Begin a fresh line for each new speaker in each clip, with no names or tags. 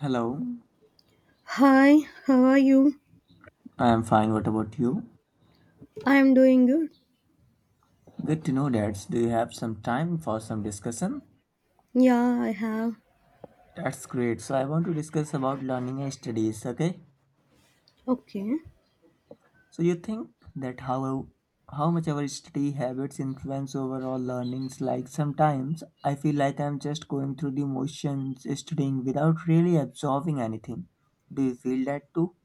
Hello,
Hi, how are you?
I am fine. What about you?
I'm doing good.
Good to know that. Do you have some time for some discussion?
Yeah, I have.
That's great. So I want to discuss about learning and studies. Okay.
Okay.
So you think that how much our study habits influence overall learnings? Like sometimes I feel like I'm just going through the motions, studying without really absorbing anything. Do you feel that too?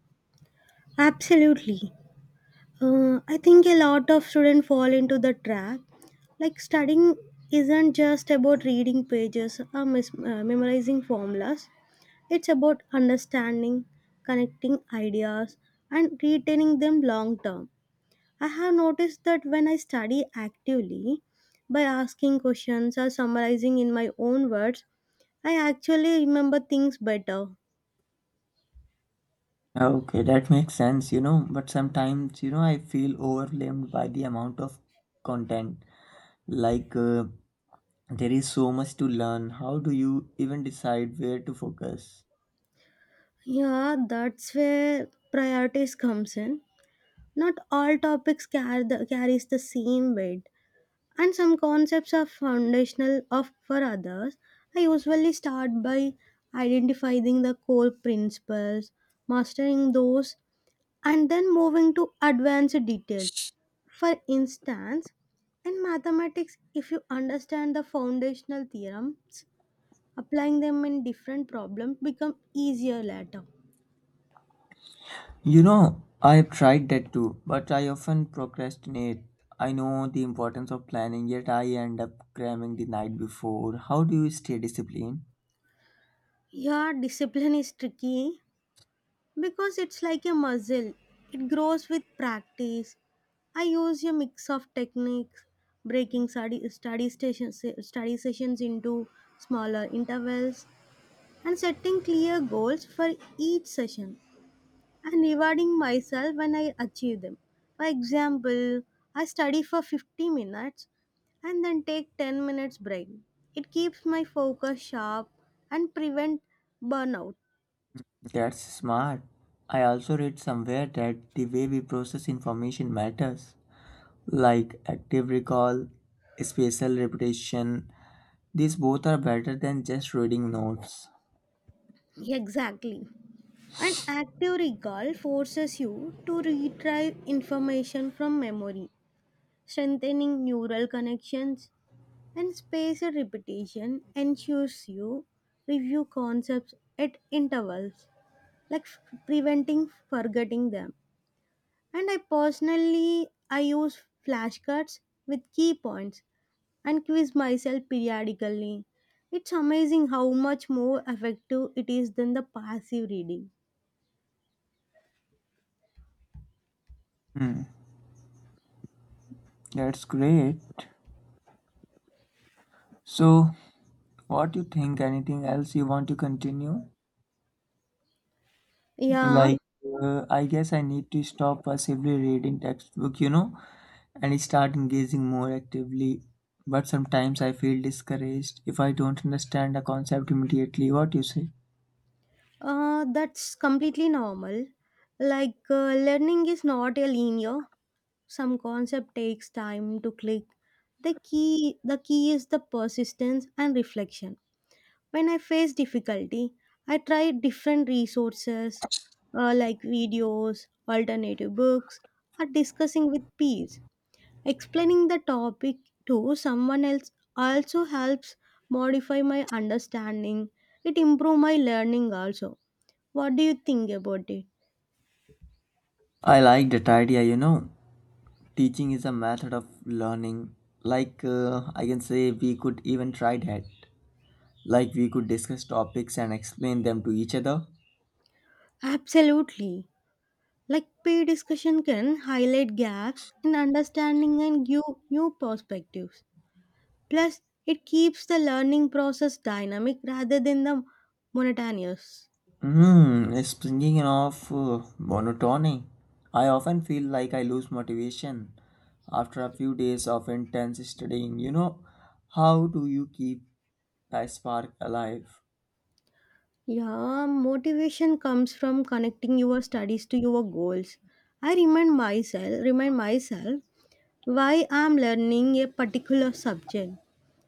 Absolutely. I think a lot of students fall into the trap. Like, studying isn't just about reading pages or memorizing formulas, it's about understanding, connecting ideas, and retaining them long term. I have noticed that when I study actively, by asking questions or summarizing in my own words, I actually remember things better.
Okay, that makes sense, but sometimes, I feel overwhelmed by the amount of content. Like, uh, There is so much to learn. How do you even decide where to focus?
Yeah, that's where priorities comes in. Not all topics carries the same weight, and some concepts are foundational of for others. I usually start by identifying the core principles, mastering those, and then moving to advanced detail. For instance, in mathematics, if you understand the foundational theorems, applying them in different problems become easier later.
You know, I have tried that too, but I often procrastinate. I know the importance of planning, yet I end up cramming the night before. How do you stay disciplined?
Yeah, discipline is tricky because it's like a muscle. It grows with practice. I use a mix of techniques, breaking study sessions into smaller intervals and setting clear goals for each session, and rewarding myself when I achieve them. For example, I study for 50 minutes and then take 10 minutes break. It keeps my focus sharp and prevent burnout.
That's smart. I also read somewhere that the way we process information matters, like active recall, spatial repetition. These both are better than just reading notes.
Exactly. An active recall forces you to retrieve information from memory, strengthening neural connections, and spaced repetition ensures you review concepts at intervals, like preventing forgetting them. And I personally I use flashcards with key points and quiz myself periodically. It's amazing how much more effective it is than the passive reading.
Hmm, that's great. So, what you think? Anything else you want to continue?
Yeah,
Like, I guess I need to stop passively reading textbook, and start engaging more actively. But sometimes I feel discouraged if I don't understand a concept immediately. What you say?
that's completely normal. Like learning is not a linear. Some concept takes time to click. The key is the persistence and reflection. When I face difficulty, I try different resources, like videos, alternative books, or discussing with peers. Explaining the topic to someone else also helps modify my understanding. It improve my learning also. What do you think about it?
I like that idea. Teaching is a method of learning. I can say we could even try that. Like, we could discuss topics and explain them to each other.
Absolutely. Like peer discussion can highlight gaps in understanding and give new perspectives. Plus, it keeps the learning process dynamic rather than the monotonous.
Hmm, speaking of monotony, I often feel like I lose motivation after a few days of intense studying. You know, how do you keep that spark alive?
Yeah, motivation comes from connecting your studies to your goals. I remind myself why I'm learning a particular subject,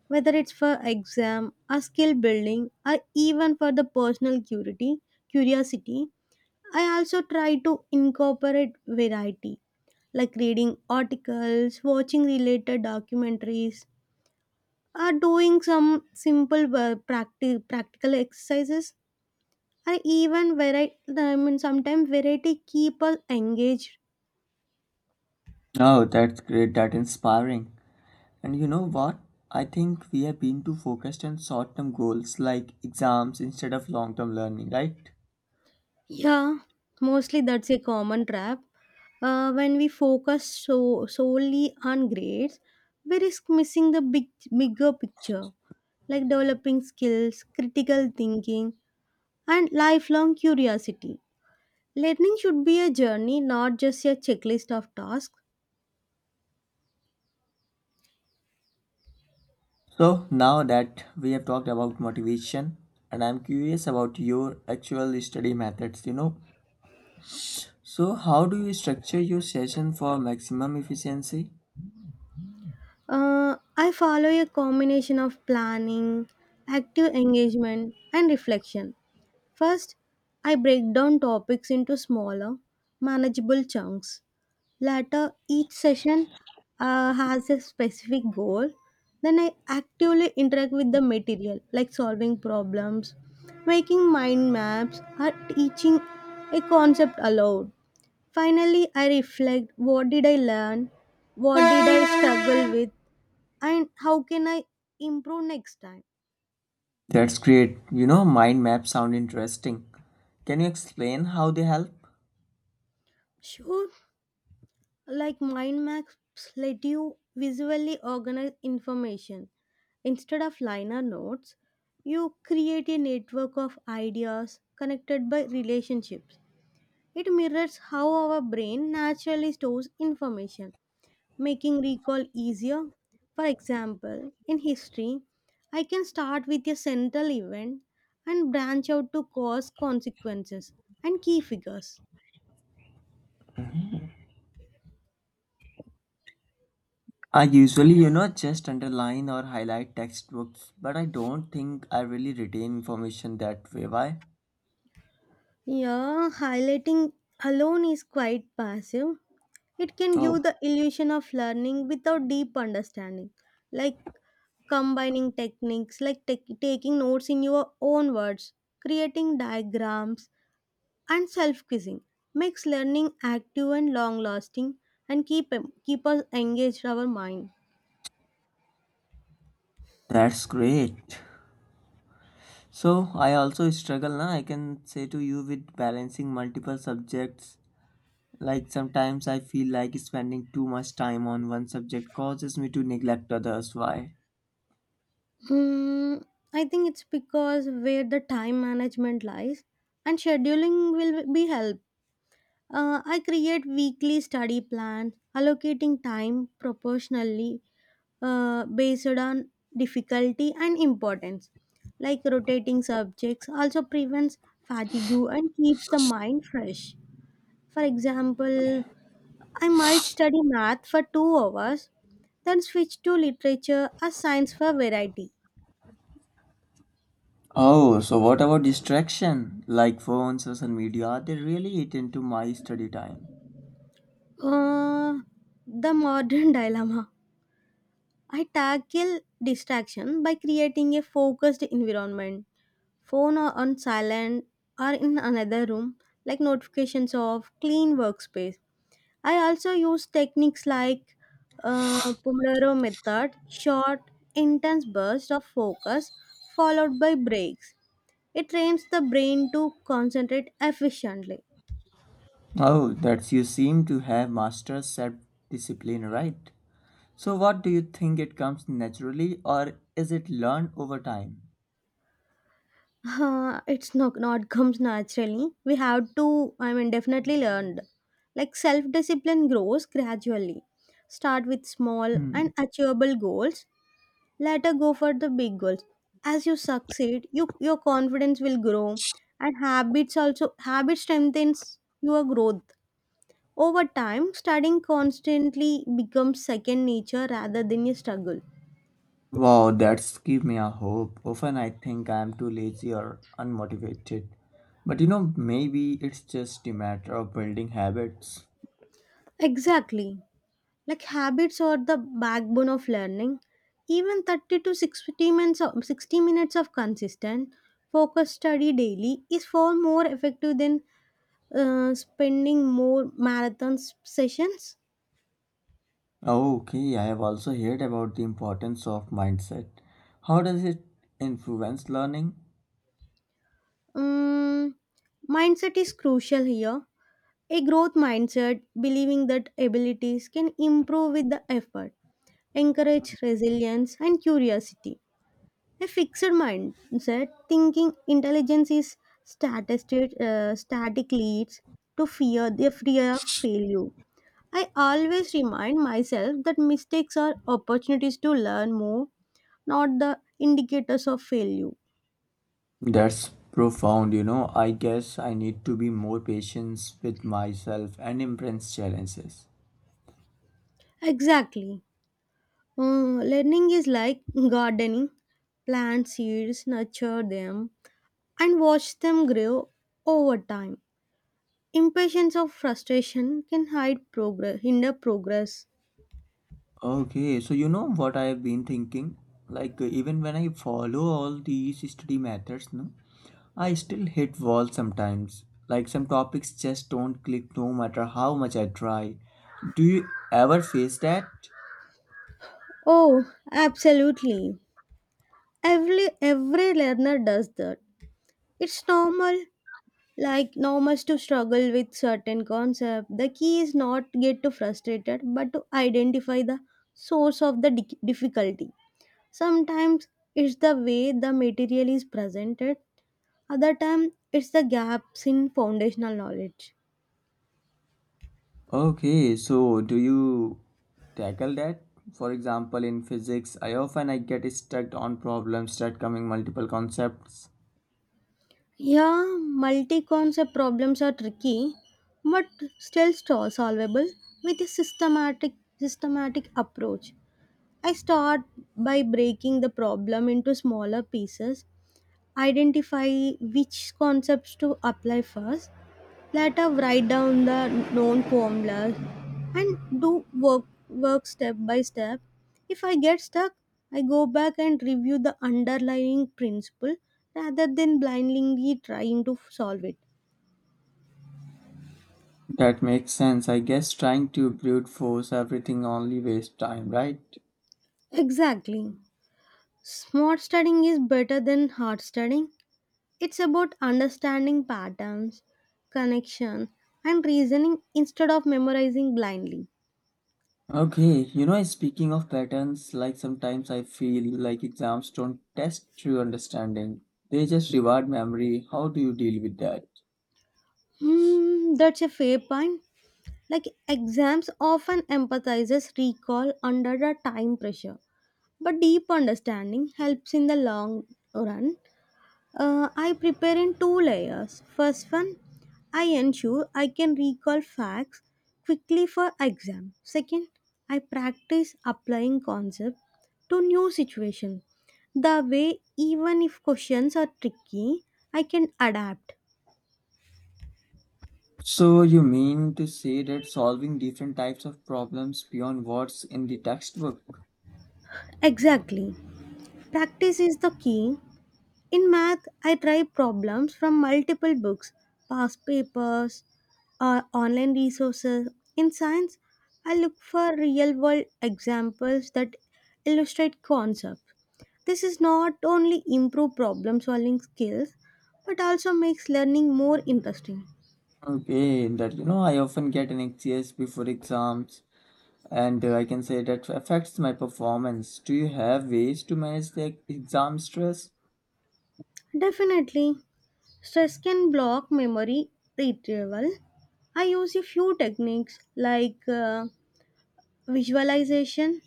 whether it's for exam, a skill building, or even for the personal curiosity. Curiosity. I also try to incorporate variety, like reading articles, watching related documentaries, are doing some simple practical exercises, or even variety, I mean, sometimes variety keep us engaged.
Oh, that's great, that's inspiring. And you know what? I think we have been too focused on short term goals like exams instead of long term learning, right?
Yeah, mostly that's a common trap. When we focus so solely on grades, we risk missing the bigger picture, like developing skills, critical thinking, and lifelong curiosity. Learning should be a journey, not just a checklist of tasks.
So, now that we have talked about motivation, and I'm curious about your actual study methods, you know, so how do you structure your session for maximum efficiency?
I follow a combination of planning, active engagement, and reflection. First, I break down topics into smaller, manageable chunks. Later, each session has a specific goal. Then, I actively interact with the material, like solving problems, making mind maps, or teaching a concept aloud. Finally, I reflect: what did I learn, what did I struggle with, and how can I improve next time?
That's great. You know, mind maps sound interesting. Can you explain how they help?
Sure, like mind maps let you visually organize information. Instead of liner notes, you create a network of ideas connected by relationships. It mirrors how our brain naturally stores information, making recall easier. For example, in history, I can start with a central event and branch out to cause, consequences, and key figures.
I usually, just underline or highlight textbooks, but I don't think I really retain information that way. Why?
Yeah, highlighting alone is quite passive. It can
Oh,
give the illusion of learning without deep understanding. Like combining techniques, like taking notes in your own words, creating diagrams, and self quizzing makes learning active and long lasting, and keep us engaged our mind.
that's great. So, I also struggle now, I can say to you, with balancing multiple subjects. Like sometimes I feel like spending too much time on one subject causes me to neglect others. Why?
Hmm, I think it's because where the time management lies, and scheduling will be help. I create weekly study plans, allocating time proportionally based on difficulty and importance. Like rotating subjects also prevents fatigue and keeps the mind fresh. For example, I might study math for 2 hours, then switch to literature or science for variety.
Oh, so what about distraction? Like phones, social media, are they really eat into my study time?
Uh, the modern dilemma. I tackle distraction by creating a focused environment, phone or on silent or in another room, like notifications of clean workspace. I also use techniques like, pomodoro method, short intense bursts of focus followed by breaks. It trains the brain to concentrate efficiently.
Oh, that's you seem to have mastered self-discipline, right? So what do you think it comes naturally or is it learned over time?
It's not comes naturally, we have to, I mean, definitely learned. Like self discipline grows gradually. Start with small
Hmm.
and achievable goals. Let her go for the big goals. As you succeed, your confidence will grow, and habits also habit strengthens your growth. Over time, studying constantly becomes second nature rather than a struggle.
Wow, that's give me a hope. Often I think I am too lazy or unmotivated. But you know, maybe it's just a matter of building habits.
Exactly. Like habits are the backbone of learning. Even 30 to 60 minutes of, 60 minutes of consistent focus study daily is far more effective than spending more marathon sessions.
Okay, I have also heard about the importance of mindset. How does it influence learning?
Um, Mindset is crucial here. A growth mindset, believing that abilities can improve with the effort, encourage resilience and curiosity. A fixed mindset, thinking intelligence is static, leads to fear, the fear of failure. I always remind myself that mistakes are opportunities to learn more, not the indicators of failure.
That's profound, you know. I guess I need to be more patient with myself and embrace challenges.
Exactly. Learning is like gardening. Plant seeds, nurture them, and watch them grow over time. Impatience or frustration can hinder progress.
Okay, so you know what I have been thinking? Even when I follow all these study methods, no, I still hit walls sometimes. Like, some topics just don't click no matter how much I try. Do you ever face that?
Oh, absolutely. Every learner does that. It's normal. Like normal to struggle with certain concept. The key is not get too frustrated, but to identify the source of the difficulty. Sometimes it's the way the material is presented, other time it's the gaps in foundational knowledge.
Okay, so do you tackle that? For example, in physics, I often I get stuck on problems that coming multiple concepts.
Yeah, multi-concept problems are tricky, but still solvable with a systematic approach. I start by breaking the problem into smaller pieces, identify which concepts to apply first, let us write down the known formulas and do work step by step. If I get stuck, I go back and review the underlying principle rather than blindly trying to solve it.
That makes sense. I guess trying to brute force everything only waste time, right?
Exactly. Smart studying is better than hard studying. It's about understanding patterns, connection, and reasoning instead of memorizing blindly.
Okay, you know, speaking of patterns, like sometimes I feel like exams don't test true understanding. They just reward memory. How do you deal with that?
Hmm, that's a fair point. Like exams often emphasizes recall under the time pressure, but deep understanding helps in the long run. I prepare in two layers. First one, I ensure I can recall facts quickly for exam. Second, I practice applying concepts to new situation. The way even if questions are tricky, I can adapt.
So you mean to say that solving different types of problems beyond what's in the textbook?
Exactly. Practice is the key. In math, I try problems from multiple books, past papers, or online resources. In science, I look for real world examples that illustrate concepts. This is not only improve problem solving skills but also makes learning more interesting.
Okay, that you know, I often get anxious before exams, and I can say that affects my performance. Do you have ways to manage the exam stress?
Definitely, stress can block memory retrieval. I use a few techniques like, visualization.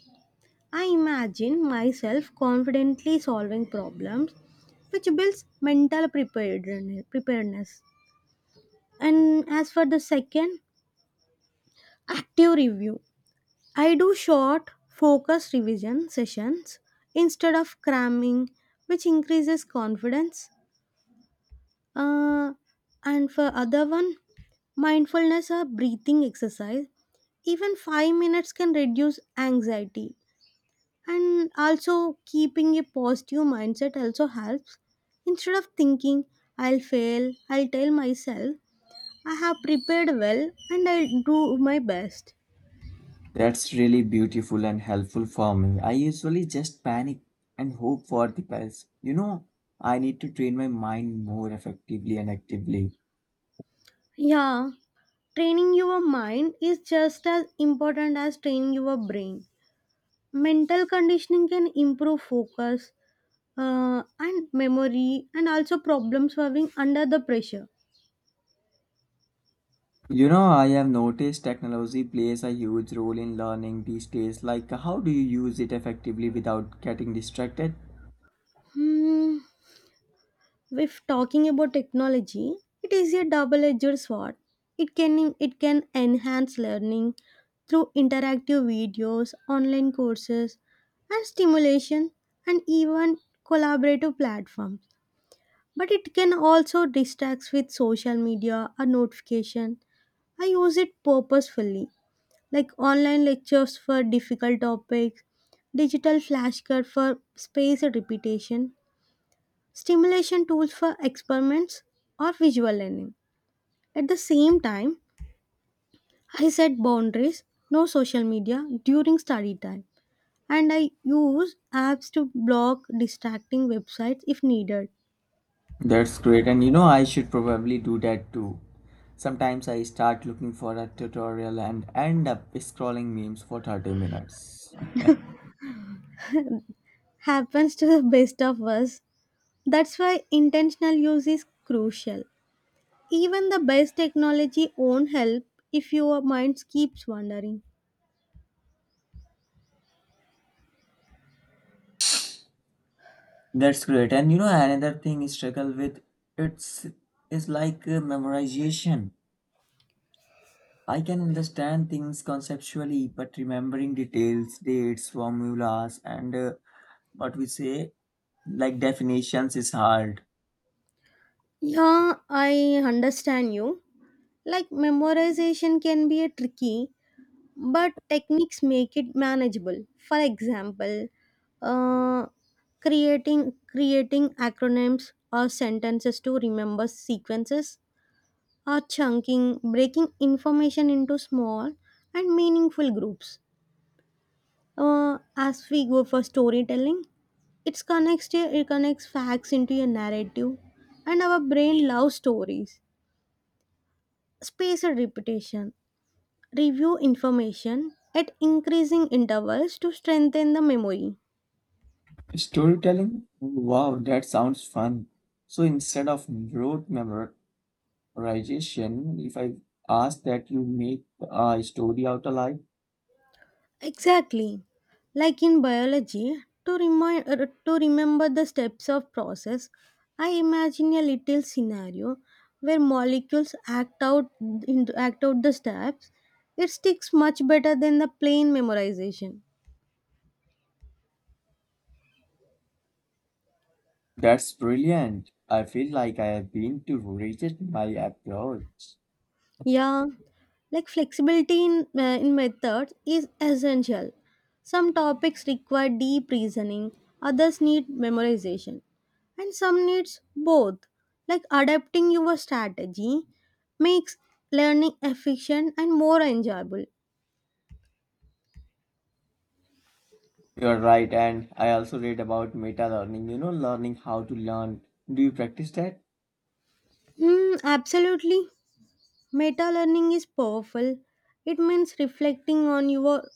I imagine myself confidently solving problems, which builds mental preparedness. And as for the second, active review. I do short, focused revision sessions instead of cramming, which increases confidence. Uh, and for other one, mindfulness or breathing exercise, even 5 minutes can reduce anxiety. And also keeping a positive mindset also helps. Instead of thinking I'll fail, I'll tell myself I have prepared well and I'll do my best.
That's really beautiful and helpful for me. I usually just panic and hope for the best. You know, I need to train my mind more effectively and actively.
Yeah, training your mind is just as important as training your brain. Mental conditioning can improve focus, and memory, and also problem solving under the pressure.
You know, I have noticed technology plays a huge role in learning these days. Like, how do you use it effectively without getting distracted?
Hmm. If talking about technology, it is a double-edged sword. It can enhance learning through interactive videos, online courses, and stimulation, and even collaborative platforms. But it can also distract with social media or notification. I use it purposefully, like online lectures for difficult topics, digital flashcards for spaced repetition, stimulation tools for experiments or visual learning. At the same time, I set boundaries, no social media during study time, and I use apps to block distracting websites if needed.
That's great. And you know, I should probably do that too. Sometimes I start looking for a tutorial and end up scrolling memes for 30 minutes.
Happens to the best of us. That's why intentional use is crucial. Even the best technology won't help if your mind keeps wandering.
That's great. And you know, another thing I struggle with it's is like memorization. I can understand things conceptually, but remembering details, dates, formulas, and what we say like definitions is hard.
Yeah, I understand you. Like memorization can be a tricky, but techniques make it manageable. For example, uh, creating acronyms or sentences to remember sequences, or chunking, breaking information into small and meaningful groups. As we go for storytelling, it connects facts into a narrative, and our brain loves stories. Spaced repetition. Review information at increasing intervals to strengthen the memory.
Storytelling? Wow, that sounds fun. So instead of rote memor Rajesh, if I ask that you make a story out of life,
Exactly. Like in biology, to remember the steps of process, I imagine a little scenario where molecules act out, act out the steps. It sticks much better than the plain memorization.
that's brilliant. I feel like I have been to revisit my approach.
Yeah, like flexibility in methods is essential. Some topics require deep reasoning, others need memorization, and some needs both. Like adapting your strategy makes learning efficient and more enjoyable.
You're right, and I also read about meta learning, you know, learning how to learn. Do you practice that?
Mm, absolutely. Meta learning is powerful. It means reflecting on your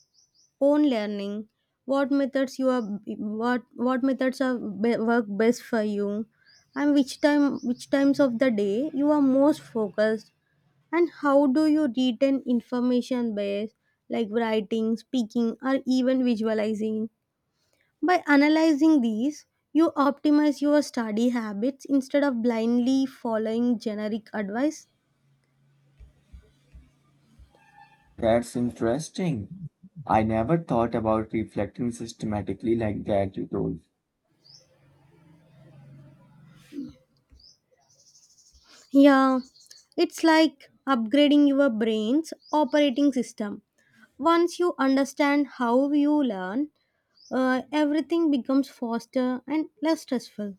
own learning, what methods you are, what methods are be, work best for you, and which times of the day you are most focused, and how do you retain information best, like writing, speaking, or even visualizing. By analyzing these, you optimize your study habits instead of blindly following generic advice.
That's interesting. I never thought about reflecting systematically like that, you told.
Yeah, it's like upgrading your brain's operating system. Once you understand how you learn, everything becomes faster and less stressful.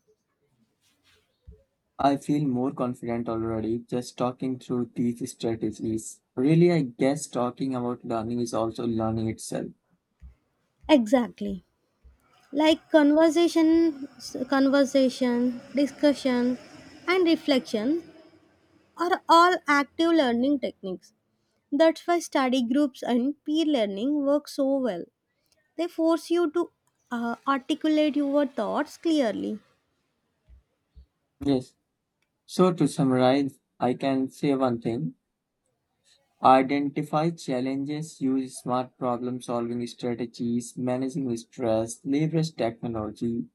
I feel more confident already just talking through these strategies. Really, I guess talking about learning is also learning itself.
Exactly. Like conversation, discussion, and reflection are all active learning techniques. That's why study groups and peer learning work so well. They force you to articulate your thoughts clearly.
Yes. So, to summarize, I can say one thing, identify challenges, use smart problem solving strategies, managing stress, leverage technology,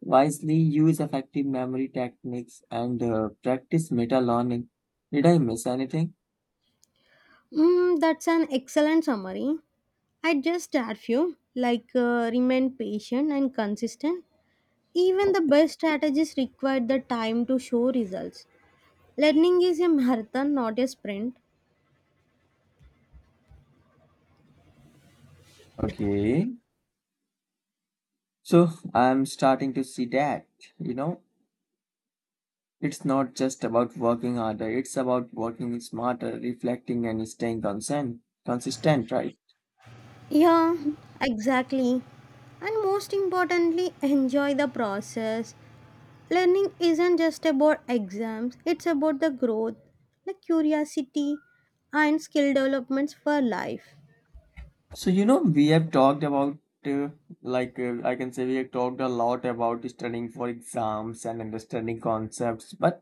wisely use effective memory techniques, and practice meta learning. Did I miss anything?
Mm, that's an excellent summary. I just add few, like remain patient and consistent. Even the best strategies require the time to show results. Learning is a marathon, not a sprint.
Okay. So, I'm starting to see that, you know, it's not just about working harder, it's about working smarter, reflecting, and staying consistent, right?
Yeah, exactly. And most importantly, enjoy the process. Learning isn't just about exams, it's about the growth, the curiosity, and skill developments for life.
So, you know, we have talked about, uh, I can say we have talked a lot about studying for exams and understanding concepts, but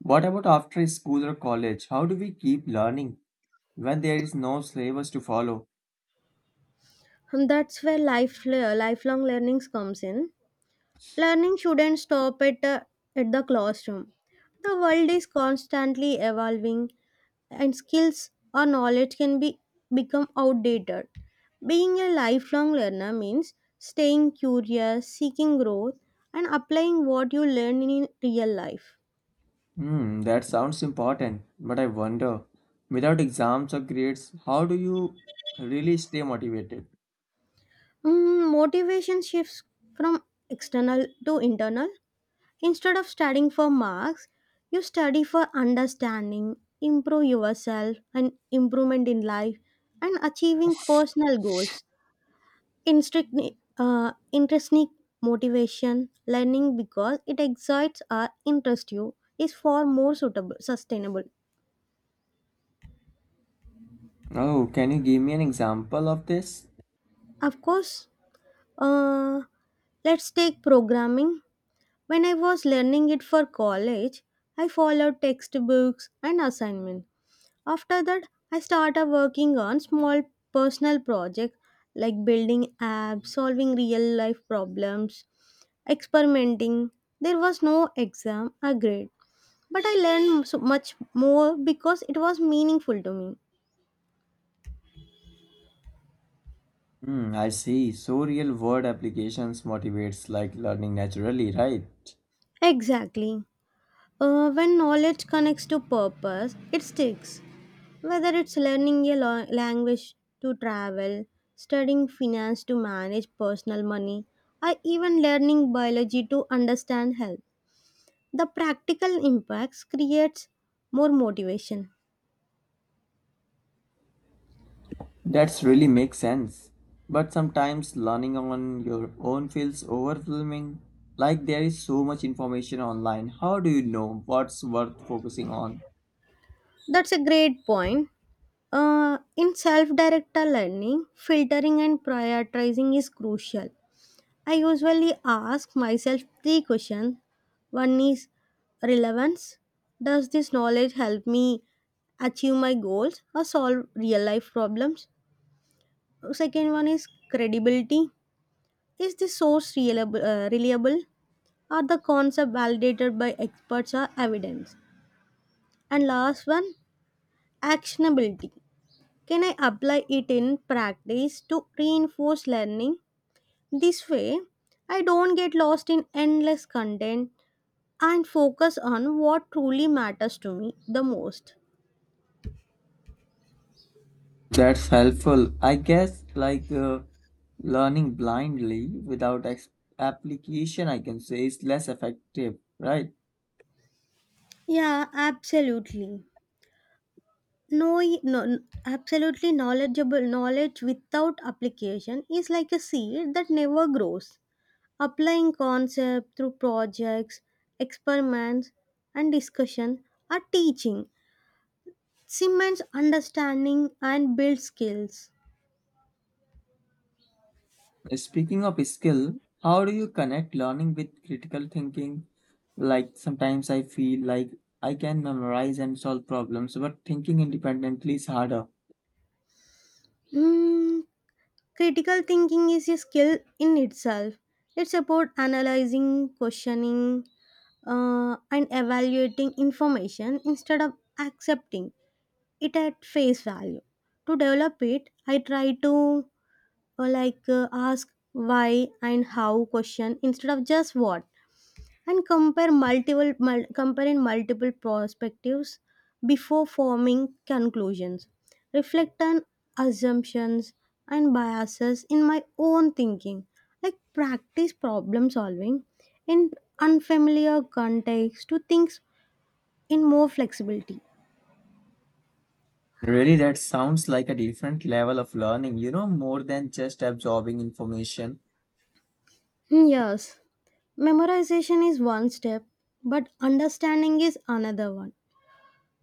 what about after school or college? How do we keep learning when there is no syllabus to follow?
And that's where lifelong learnings comes in. Learning shouldn't stop at the classroom. The world is constantly evolving, and skills or knowledge can be become outdated. Being a lifelong learner means staying curious, seeking growth, and applying what you learn in real life.
Hmm, that sounds important, but I wonder, without exams or grades, how do you really stay motivated?
Mm, motivation shifts from external to internal. Instead of studying for marks, you study for understanding, improve yourself, and improvement in life, and achieving personal goals. Intrinsic, intrinsic motivation, learning because it excites or interests you, is far more suitable, sustainable.
Oh, can you give me an example of this?
Of course, uh, let's take programming. When I was learning it for college, I followed textbooks and assignments. After that, I started working on small personal projects, like building apps, solving real life problems, experimenting. There was no exam or grade, but I learned so much more because it was meaningful to me.
Hmm, I see. So real world applications motivates like learning naturally, right?
Exactly. When knowledge connects to purpose, it sticks. Whether it's learning a language to travel, studying finance to manage personal money, or even learning biology to understand health, the practical impacts creates more motivation.
That's really makes sense. But sometimes learning on your own feels overwhelming. Like there is so much information online. How do you know what's worth focusing on?
That's a great point. In self-directed learning, filtering and prioritizing is crucial. I usually ask myself three questions. One is relevance. Does this knowledge help me achieve my goals or solve real life problems? Second one is credibility. Is the source reliable, reliable? Are the concept validated by experts or evidence? And last one, actionability. Can I apply it in practice to reinforce learning? This way, I don't get lost in endless content and focus on what truly matters to me the most.
That's helpful. I guess like learning blindly without application, I can say, is less effective, right?
Yeah, absolutely. No, no, absolutely knowledge without application is like a seed that never grows. Applying concept through projects, experiments, and discussion are teaching cements understanding and build skills.
Speaking of skill, how do you connect learning with critical thinking? Like sometimes I feel like I can memorize and solve problems, but thinking independently is harder.
Mm, critical thinking is a skill in itself. It's about analyzing, questioning, and evaluating information instead of accepting it at face value. To develop it, I try to ask why and how question instead of just what, and compare in multiple perspectives before forming conclusions, reflect on assumptions and biases in my own thinking, like practice problem solving in unfamiliar contexts to think in more flexibility.
Really, that sounds like a different level of learning, you know, more than just absorbing information.
Hmm, yes, memorization is one step, but understanding is another one,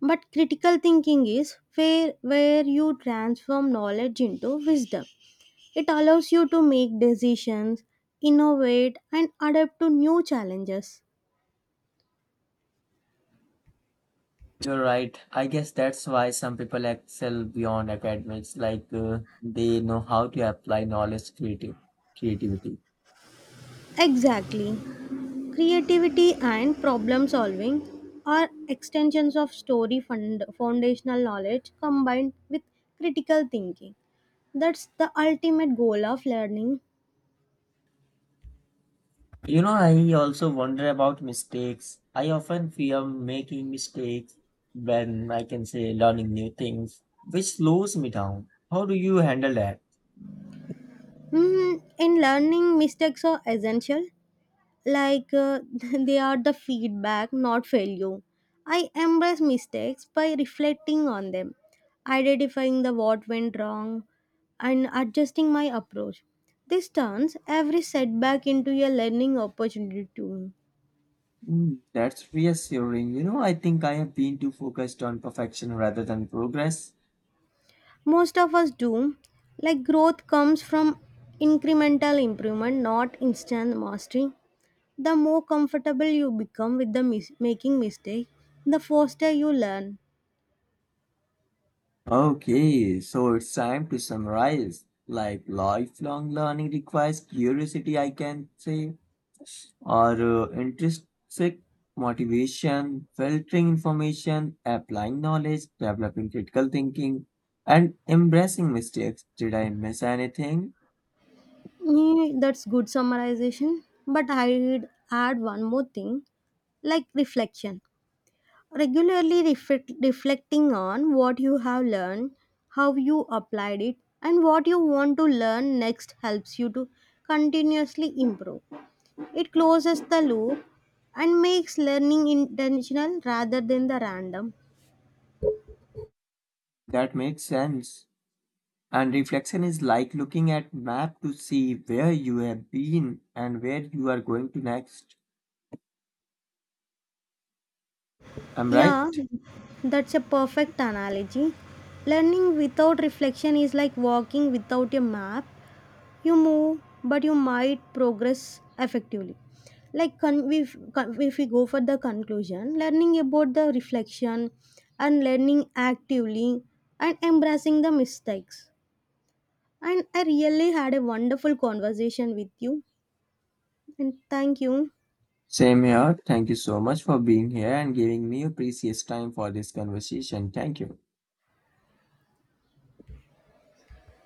but critical thinking is where you transform knowledge into wisdom. It allows you to make decisions, innovate, and adapt to new challenges.
You're right. I guess that's why some people excel beyond academics, like they know how to apply knowledge creative creativity.
Exactly. Creativity and problem solving are extensions of foundational knowledge combined with critical thinking. That's the ultimate goal of learning.
You know, I also wonder about mistakes. I often fear making mistakes when I can say learning new things, which slows me down. How do you handle that?
Mm, in learning, mistakes are essential. Like they are the feedback, not failure. I embrace mistakes by reflecting on them, identifying the what went wrong, and adjusting my approach. This turns every setback into a learning opportunity to me.
Mm, that's reassuring. You know, I think I have been too focused on perfection rather than progress.
Most of us do. Like growth comes from incremental improvement, not instant mastery. The more comfortable you become with making mistake, the faster you learn.
Okay, so it's time to summarize. Like lifelong learning requires curiosity, I can say, or intrinsic motivation, filtering information, applying knowledge, developing critical thinking, and embracing mistakes. Did I miss anything?
Yeah, that's good summarization. But I'd add one more thing, like reflection. Reflecting on what you have learned, how you applied it, and what you want to learn next helps you to continuously improve. It closes the loop and makes learning intentional rather than the random.
That makes sense. And reflection is like looking at map to see where you have been and where you are going to next. I'm right.
Yeah, that's a perfect analogy. Learning without reflection is like walking without a map. You move, but you might progress effectively. Like if we go for the conclusion, learning about the reflection, and learning actively, and embracing the mistakes, and I really had a wonderful conversation with you, and thank you.
Same here. Thank you so much for being here and giving me your precious time for this conversation. Thank you.